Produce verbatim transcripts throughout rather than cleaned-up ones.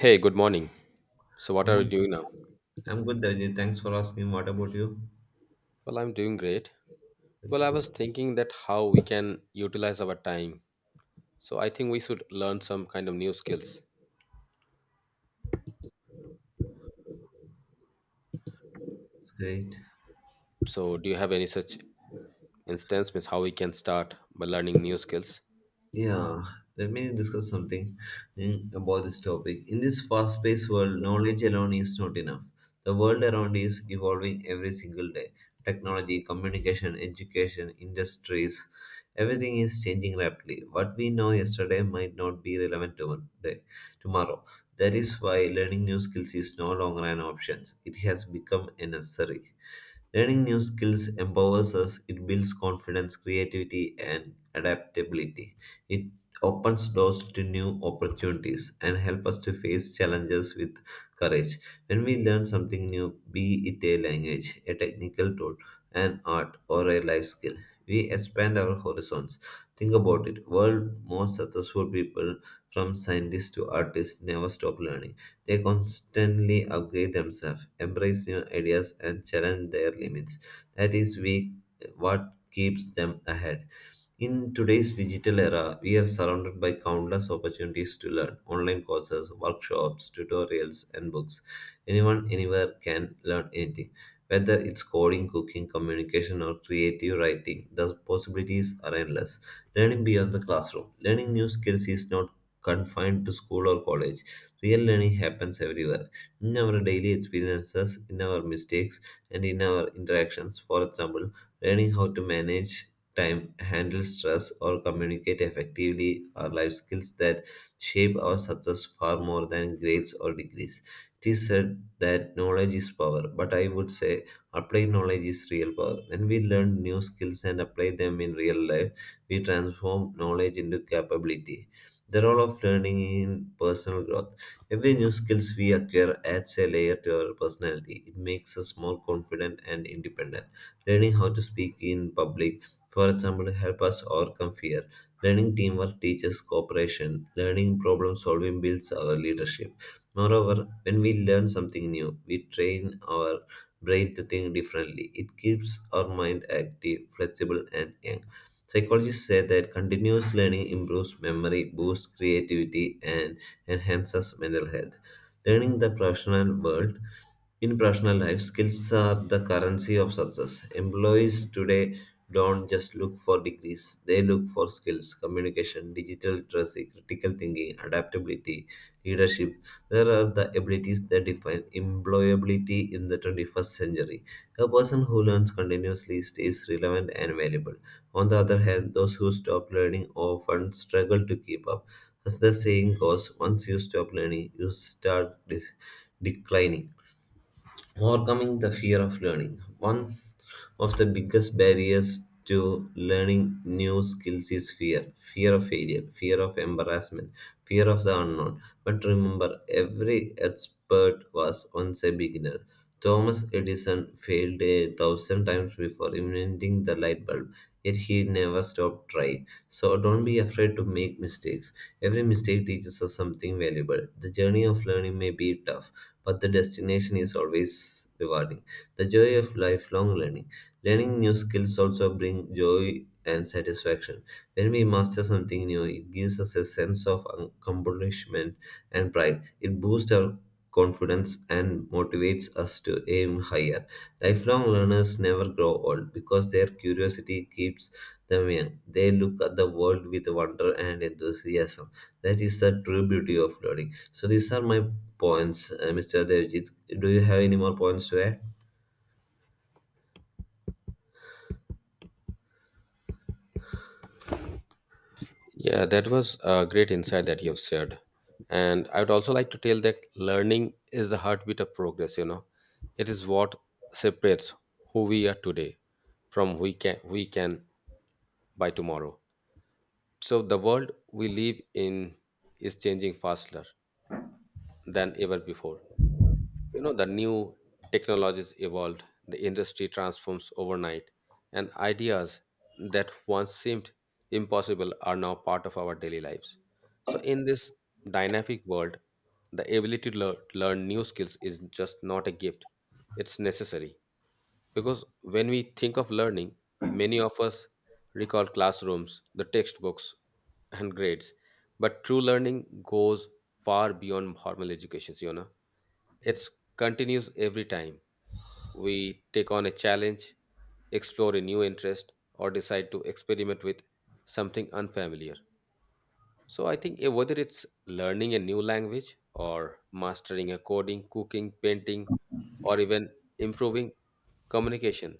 Hey, good morning. So, I'm what good, are you morning. doing now? I'm good, Darjeet. Thanks for asking. What about you? Well, I'm doing great. It's Well, I good. was thinking that how we can utilize our time. So, I think we should learn some kind of new skills. It's great. So, do you have any such instance, means how we can start by learning new skills? Yeah, let me discuss something mm, about this topic. In this fast-paced world, knowledge alone is not enough. The world around is evolving every single day. Technology, communication, education, industries, everything is changing rapidly. What we know yesterday might not be relevant today, tomorrow. That is why learning new skills is no longer an option. It has become a necessary. Learning new skills empowers us, it builds confidence, creativity, and adaptability. It opens doors to new opportunities and helps us to face challenges with courage. When we learn something new, be it a language, a technical tool, an art, or a life skill, we expand our horizons. Think about it. World most successful people, from scientists to artists, never stop learning. They constantly upgrade themselves, embrace new ideas, and challenge their limits. That is we, what keeps them ahead. In today's digital era, we are surrounded by countless opportunities to learn online courses, workshops, tutorials, and books. Anyone, anywhere can learn anything. Whether it's coding, cooking, communication, or creative writing, the possibilities are endless. Learning beyond the classroom. Learning new skills is not confined to school or college. Real learning happens everywhere in our daily experiences, in our mistakes, and in our interactions. For example, learning how to manage time, handle stress, or communicate effectively are life skills that shape our success far more than grades or degrees. It is said that knowledge is power, but I would say applied knowledge is real power. When we learn new skills and apply them in real life, we transform knowledge into capability. The role of learning in personal growth. Every new skills we acquire adds a layer to our personality. It makes us more confident and independent. Learning how to speak in public, for example, help us overcome fear. Learning teamwork teaches cooperation. Learning problem solving builds our leadership. Moreover, when we learn something new, we train our brain to think differently. It keeps our mind active, flexible, and young. Psychologists say that continuous learning improves memory, boosts creativity, and enhances mental health. Learning the professional world in personal life, skills are the currency of success. Employees today don't just look for degrees, they look for skills, communication, digital literacy, critical thinking, adaptability, leadership. There are the abilities that define employability in the twenty-first century. A person who learns continuously stays relevant and valuable. On the other hand, those who stop learning often struggle to keep up. As the saying goes, once you stop learning, you start dis- declining. Overcoming the fear of learning. One of the biggest barriers to learning new skills is fear, fear of failure, fear of embarrassment, fear of the unknown. But remember, every expert was once a beginner. Thomas Edison failed a thousand times before inventing the light bulb, yet he never stopped trying. So don't be afraid to make mistakes. Every mistake teaches us something valuable. The journey of learning may be tough but the destination is always rewarding. The joy of lifelong learning. Learning new skills also bring joy and satisfaction. When we master something new, it gives us a sense of accomplishment and pride. It boosts our confidence and motivates us to aim higher. Lifelong learners never grow old because their curiosity keeps them young. They look at the world with wonder and enthusiasm. That is the true beauty of learning. So these are my points, uh, Mister Devjit. Do you have any more points to add? Yeah, that was a great insight that you have shared. And I would also like to tell that learning is the heartbeat of progress, you know. It is what separates who we are today from we can we can by tomorrow. So the world we live in is changing faster than ever before. You know, the new technologies evolved, the industry transforms overnight, and ideas that once seemed impossible are now part of our daily lives. So in this dynamic world, the ability to lear- learn new skills is just not a gift, it's necessary. Because when we think of learning, many of us recall classrooms, the textbooks, and grades. But true learning goes far beyond formal education, you know. It continues every time we take on a challenge, explore a new interest, or decide to experiment with something unfamiliar. So I think eh, whether it's learning a new language or mastering a coding, cooking, painting, or even improving communication,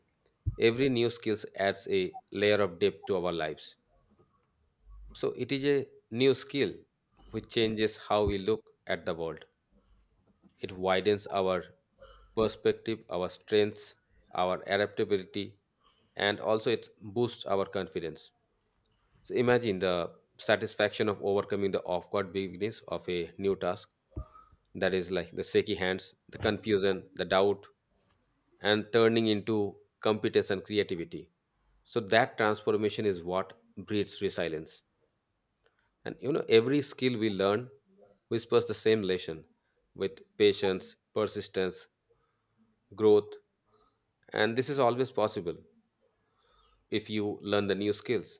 every new skill adds a layer of depth to our lives, so it is a new skill which changes how we look at the world. It widens our perspective, our strengths, our adaptability, and also it boosts our confidence. So imagine the satisfaction of overcoming the awkward beginnings of a new task. That is like the shaky hands, the confusion, the doubt, and turning into competence, creativity. So that transformation is what breeds resilience. And you know, every skill we learn whispers the same lesson: with patience, persistence, growth, and this is always possible if you learn the new skills.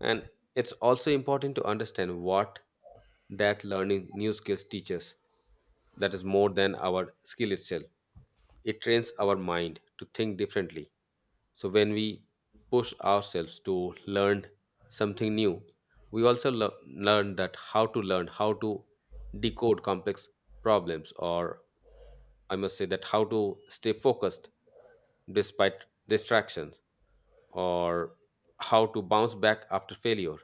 And it's also important to understand what that learning new skills teaches, that is more than our skill itself. It trains our mind to think differently. So when we push ourselves to learn something new, we also lear- learn that how to learn, how to decode complex problems, or I must say that how to stay focused despite distractions, or how to bounce back after failure.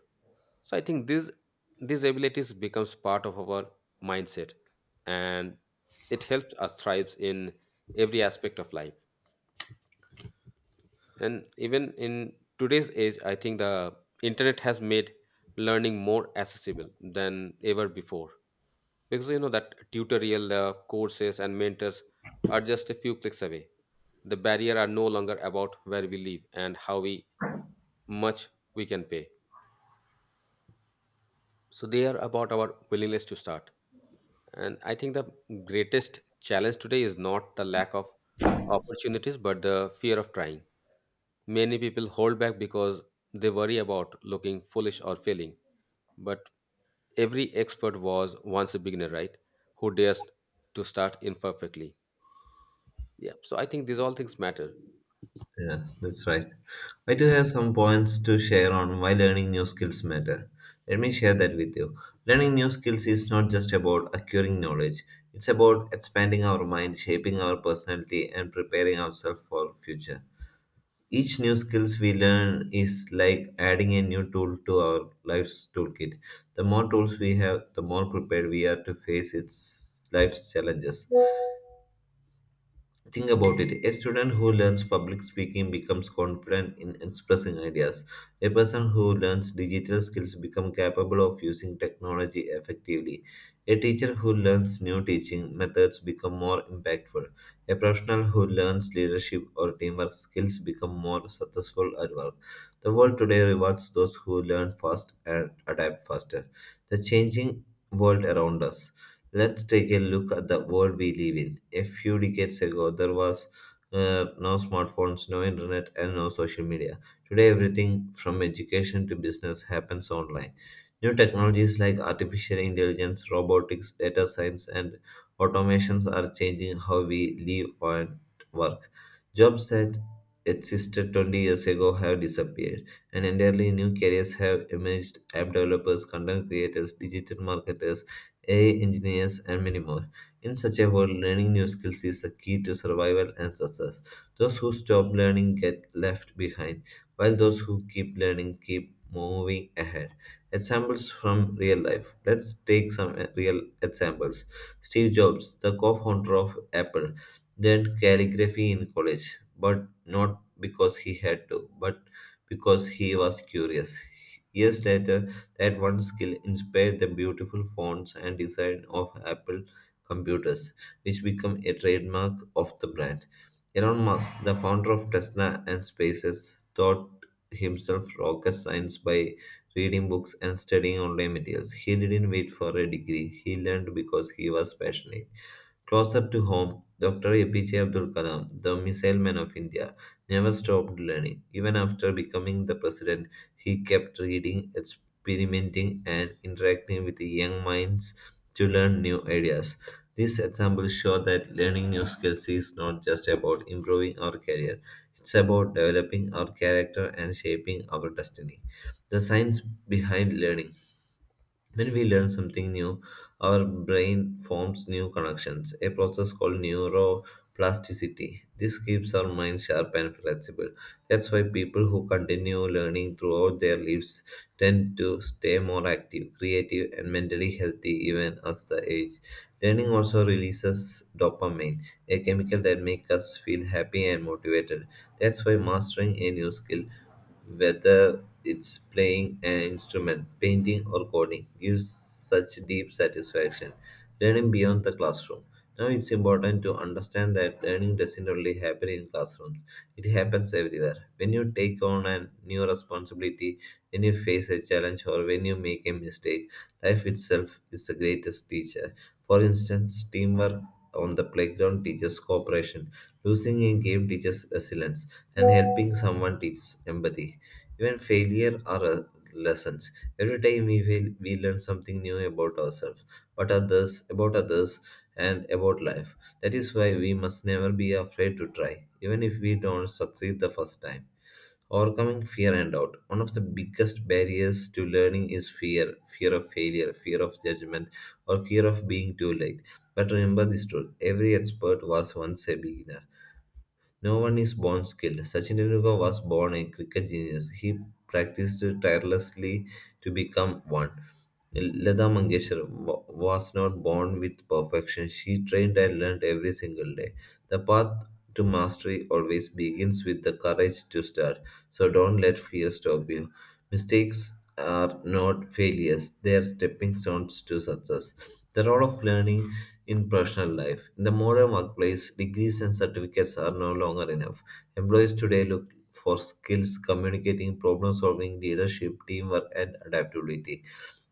So I think these these abilities becomes part of our mindset, and it helps us thrives in every aspect of life. And even in today's age, I think the internet has made learning more accessible than ever before, because you know that tutorial uh, courses and mentors are just a few clicks away. The barrier are no longer about where we live and how we much we can pay, so they are about our willingness to start. And I think the greatest challenge today is not the lack of opportunities, but the fear of trying. Many people hold back because they worry about looking foolish or failing, but every expert was once a beginner, right? Who dares to start imperfectly? Yeah, so I think these all things matter. Yeah, that's right. I do have some points to share on why learning new skills matter. Let me share that with you. Learning new skills is not just about acquiring knowledge. It's about expanding our mind, shaping our personality and preparing ourselves for future. Each new skills we learn is like adding a new tool to our life's toolkit. The more tools we have, the more prepared we are to face its life's challenges. Think about it. A student who learns public speaking becomes confident in expressing ideas. A person who learns digital skills becomes capable of using technology effectively. A teacher who learns new teaching methods become more impactful. A professional who learns leadership or teamwork skills become more successful at work. The world today rewards those who learn fast and adapt faster. The changing world around us. Let's take a look at the world we live in. A few decades ago, there was uh, no smartphones, no internet, and no social media. Today, everything from education to business happens online. New technologies like artificial intelligence, robotics, data science, and automations are changing how we live and work. Jobs that existed twenty years ago have disappeared, and entirely new careers have emerged. App developers, content creators, digital marketers, A I engineers, and many more. In such a world, learning new skills is the key to survival and success. Those who stop learning get left behind, while those who keep learning keep moving ahead. Examples from real life. Let's take some uh, real examples. Steve Jobs, the co founder of Apple, learned calligraphy in college, but not because he had to, but because he was curious. Years later, that one skill inspired the beautiful fonts and design of Apple computers, which became a trademark of the brand. Elon Musk, the founder of Tesla and SpaceX, taught himself rocket science by reading books and studying online materials. He didn't wait for a degree, he learned because he was passionate. Closer to home, Doctor A P J Abdul Kalam, the Missile Man of India, never stopped learning. Even after becoming the president, he kept reading, experimenting, and interacting with young minds to learn new ideas. These examples show that learning new skills is not just about improving our career, it's about developing our character and shaping our destiny. The science behind learning. When we learn something new, our brain forms new connections, a process called neuroplasticity. This keeps our mind sharp and flexible. That's why people who continue learning throughout their lives tend to stay more active, creative, and mentally healthy even as the age. Learning also releases dopamine, a chemical that makes us feel happy and motivated. That's why mastering a new skill, whether it's playing an instrument, painting, or coding gives such deep satisfaction. Learning beyond the classroom. Now it's important to understand that learning doesn't only happen in classrooms, it happens everywhere. When you take on a new responsibility, when you face a challenge, or when you make a mistake, life itself is the greatest teacher. For instance, teamwork on the playground teaches cooperation, losing a game teaches resilience, and helping someone teaches empathy. Even failure are uh, lessons. Every time we fail, we learn something new about ourselves, but others, about others, and about life. That is why we must never be afraid to try, even if we don't succeed the first time. Overcoming fear and doubt. One of the biggest barriers to learning is fear, fear of failure, fear of judgment, or fear of being too late. But remember this truth, every expert was once a beginner. No one is born skilled. Sachin Tendulkar was born a cricket genius. He practiced tirelessly to become one. Lata Mangeshkar wa- was not born with perfection. She trained and learned every single day. The path to mastery always begins with the courage to start. So don't let fear stop you. Mistakes are not failures, they are stepping stones to success. The role of learning in personal life. In the modern workplace, degrees and certificates are no longer enough. Employees today look for skills, communicating, problem solving, leadership, teamwork, and adaptability.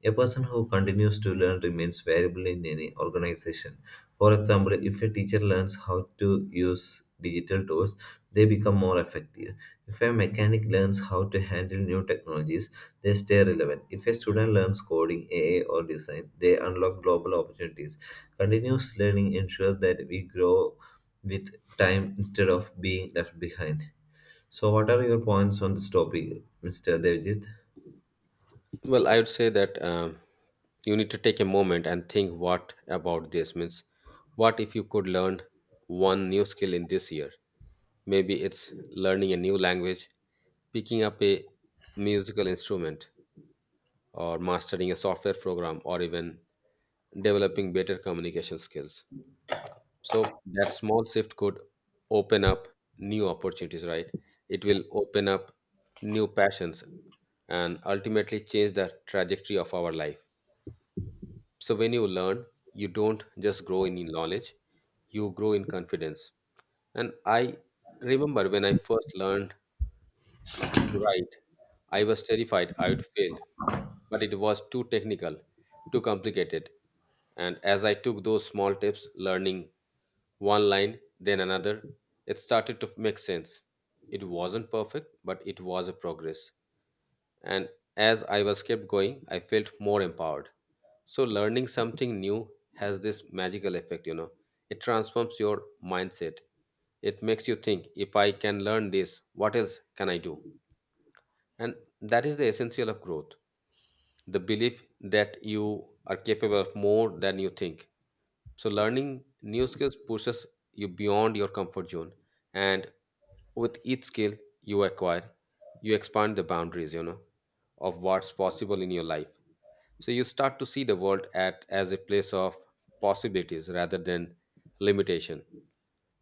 A person who continues to learn remains valuable in any organization. For example, if a teacher learns how to use digital tools, they become more effective. If a mechanic learns how to handle new technologies, they stay relevant. If a student learns coding, A I, or design, they unlock global opportunities. Continuous learning ensures that we grow with time instead of being left behind. So, what are your points on this topic, Mister Devjit? Well, I would say that um, you need to take a moment and think what about this means. What if you could learn one new skill in this year? Maybe it's learning a new language, picking up a musical instrument, or mastering a software program, or even developing better communication skills. So that small shift could open up new opportunities, right? It will open up new passions and ultimately change the trajectory of our life. So when you learn, you don't just grow in knowledge, you grow in confidence. And I remember when I first learned to write. I was terrified I would fail, but it was too technical, too complicated. And as I took those small tips, learning one line, then another, it started to make sense. It wasn't perfect, but it was a progress. And as I was kept going, I felt more empowered. So learning something new has this magical effect, you know. It transforms your mindset. It makes you think, if I can learn this, what else can I do? And that is the essential of growth, the belief that you are capable of more than you think. So, learning new skills pushes you beyond your comfort zone. And with each skill you acquire, you expand the boundaries, you know, of what's possible in your life. So, you start to see the world at, as a place of possibilities rather than limitation.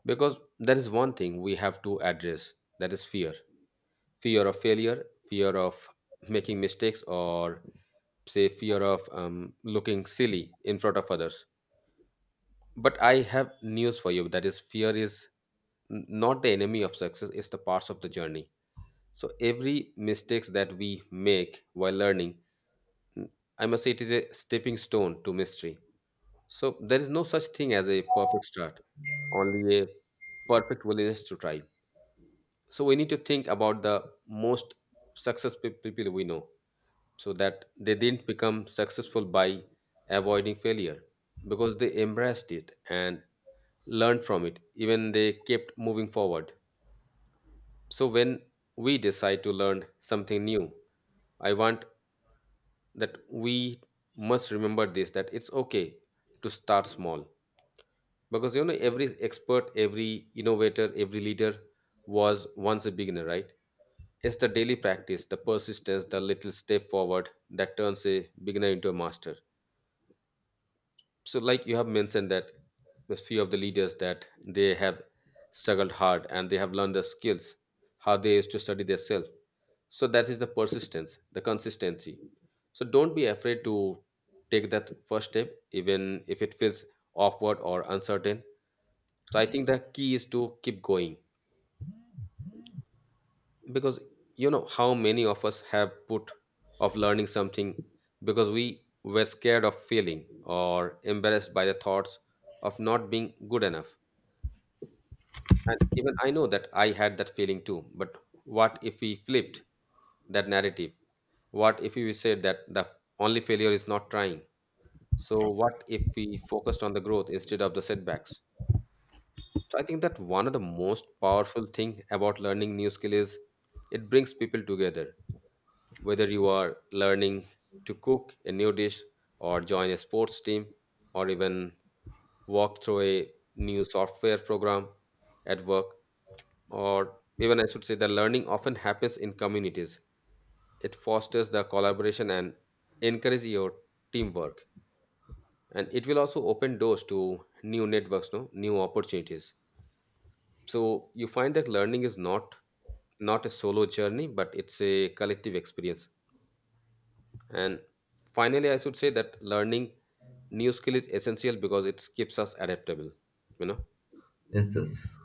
Because there is one thing we have to address, that is fear: fear of failure, fear of making mistakes, or say fear of um, looking silly in front of others. But I have news for you, that is, fear is n- not the enemy of success, it's the parts of the journey. So every mistakes that we make while learning, n- I must say it is a stepping stone to mystery. So there is no such thing as a perfect start, only a perfect willingness to try. So we need to think about the most successful people we know, so that they didn't become successful by avoiding failure, because they embraced it and learned from it, even they kept moving forward. So when we decide to learn something new, I want that we must remember this, that it's okay to start small, because you know every expert, every innovator, every leader was once a beginner, right? It's the daily practice, the persistence, the little step forward that turns a beginner into a master. So like you have mentioned that the few of the leaders that they have struggled hard and they have learned the skills, how they used to study themselves, so that is the persistence, the consistency. So don't be afraid to take that first step, even if it feels awkward or uncertain. So I think the key is to keep going, because you know how many of us have put off learning something because we were scared of failing or embarrassed by the thoughts of not being good enough. And even I know that I had that feeling too. But what if we flipped that narrative? What if we said that the only failure is not trying? So, what if we focused on the growth instead of the setbacks? So, I think that one of the most powerful thing about learning new skill is it brings people together. Whether you are learning to cook a new dish or join a sports team or even walk through a new software program at work, or even I should say the learning often happens in communities. It fosters the collaboration and encourages your teamwork. And it will also open doors to new networks, no, new opportunities. So you find that learning is not not a solo journey, but it's a collective experience. And finally, I should say that learning new skill is essential because it keeps us adaptable. You know. Yes, yes.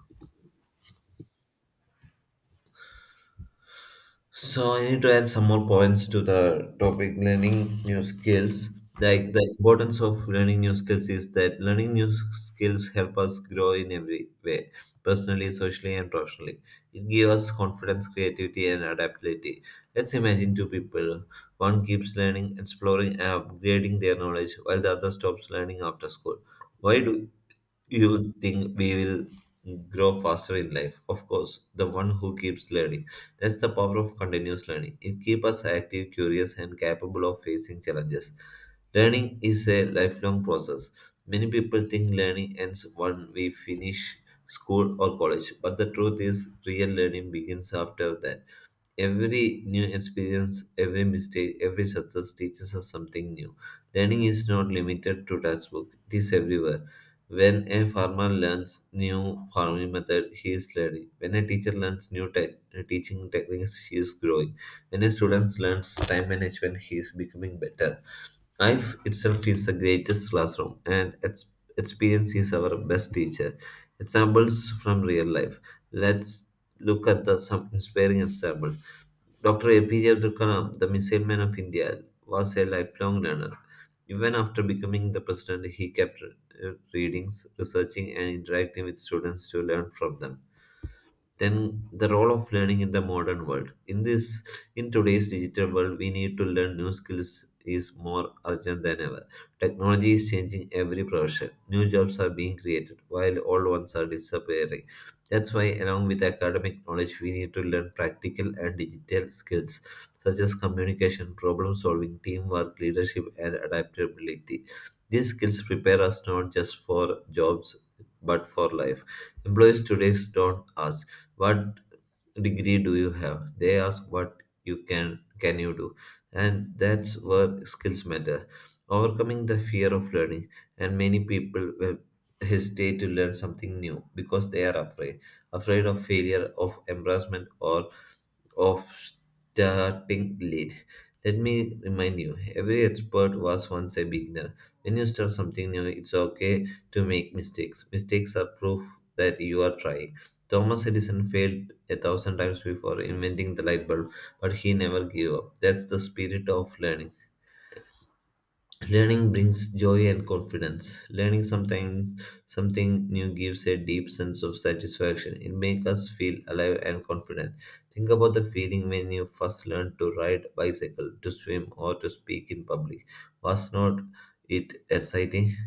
So I need to add some more points to the topic learning new skills. Mhm. Like the importance of learning new skills is that learning new skills help us grow in every way, personally, socially, and professionally. It gives us confidence, creativity, and adaptability. Let's imagine two people. One keeps learning, exploring, and upgrading their knowledge, while the other stops learning after school. Why do you think we will grow faster in life? Of course, the one who keeps learning. That's the power of continuous learning. It keeps us active, curious, and capable of facing challenges. Learning is a lifelong process. Many people think learning ends when we finish school or college, but the truth is, real learning begins after that. Every new experience, every mistake, every success teaches us something new. Learning is not limited to textbook, it is everywhere. When a farmer learns new farming method, he is learning. When a teacher learns new te- teaching techniques, he is growing. When a student learns time management, he is becoming better. Life itself is the greatest classroom, and ex- experience is our best teacher. Examples from real life. Let's look at the, some inspiring examples. Doctor A P J Abdul Kalam, the Missile Man of India, was a lifelong learner. Even after becoming the president, he kept uh, readings, researching, and interacting with students to learn from them. Then the role of learning in the modern world. In this in today's digital world, we need to learn new skills is more urgent than ever. Technology is changing every profession. New jobs are being created while old ones are disappearing. That's why along with academic knowledge we need to learn practical and digital skills such as communication, problem solving, teamwork, leadership and adaptability. These skills prepare us not just for jobs but for life. Employees today don't ask what degree do you have? They ask what you can can you do? And that's where skills matter. Overcoming the fear of learning, and many people will hesitate to learn something new because they are afraid, afraid of failure, of embarrassment, or of starting late. Let me remind you, every expert was once a beginner. When you start something new, it's okay to make mistakes. Mistakes are proof that you are trying. Thomas Edison failed a thousand times before inventing the light bulb, but he never gave up. That's the spirit of learning. Learning brings joy and confidence. Learning something something new gives a deep sense of satisfaction. It makes us feel alive and confident. Think about the feeling when you first learned to ride bicycle, to swim or to speak in public. Was not it exciting?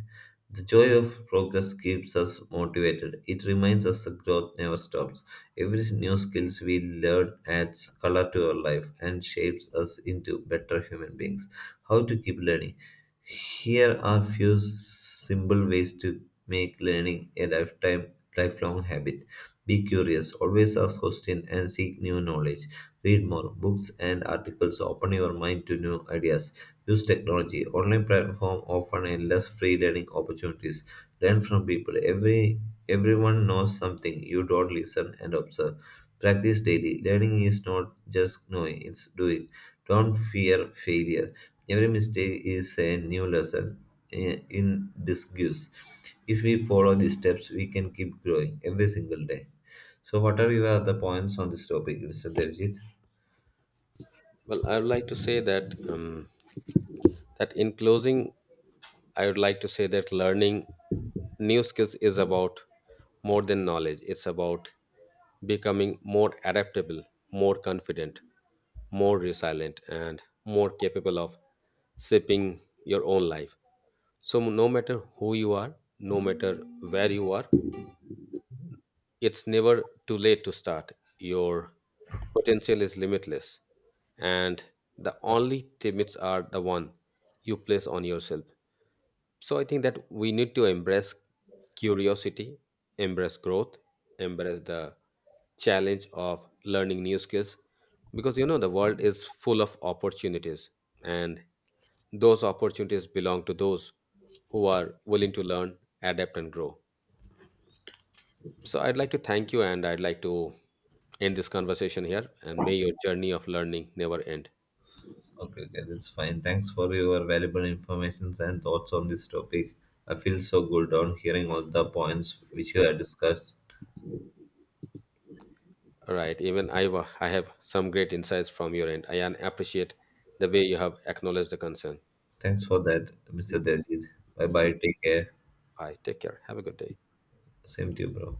The joy of progress keeps us motivated. It reminds us that growth never stops. Every new skills we learn adds color to our life and shapes us into better human beings. How to keep learning? Here are few simple ways to make learning a lifetime lifelong habit. Be curious, always ask questions and seek new knowledge. Read more books and articles, open your mind to new ideas. Use technology. Online platform offer endless free learning opportunities. Learn from people. Every everyone knows something. You don't listen and observe. Practice daily. Learning is not just knowing, it's doing. Don't fear failure. Every mistake is a new lesson, eh, in disguise. If we follow these steps, we can keep growing every single day. So, what are your other points on this topic, Mister Devjit? Well, I would like to say that um, that in closing, I would like to say that learning new skills is about more than knowledge. It's about becoming more adaptable, more confident, more resilient, and more capable of shaping your own life. So, no matter who you are, no matter where you are, it's never too late to start. Your potential is limitless, and the only limits are the one you place on yourself. So I think that we need to embrace curiosity, embrace growth, embrace the challenge of learning new skills, because you know the world is full of opportunities, and those opportunities belong to those who are willing to learn, adapt and grow. So I'd like to thank you and I'd like to end this conversation here, and may your journey of learning never end. Okay, okay, that's fine. Thanks for your valuable informations and thoughts on this topic. I feel so good on hearing all the points which you have discussed. All right, even I wa- I have some great insights from your end. I an- appreciate the way you have acknowledged the concern. Thanks for that, Mister Devjit. Bye bye. Take care. Bye. Take care. Have a good day. Same to you, bro.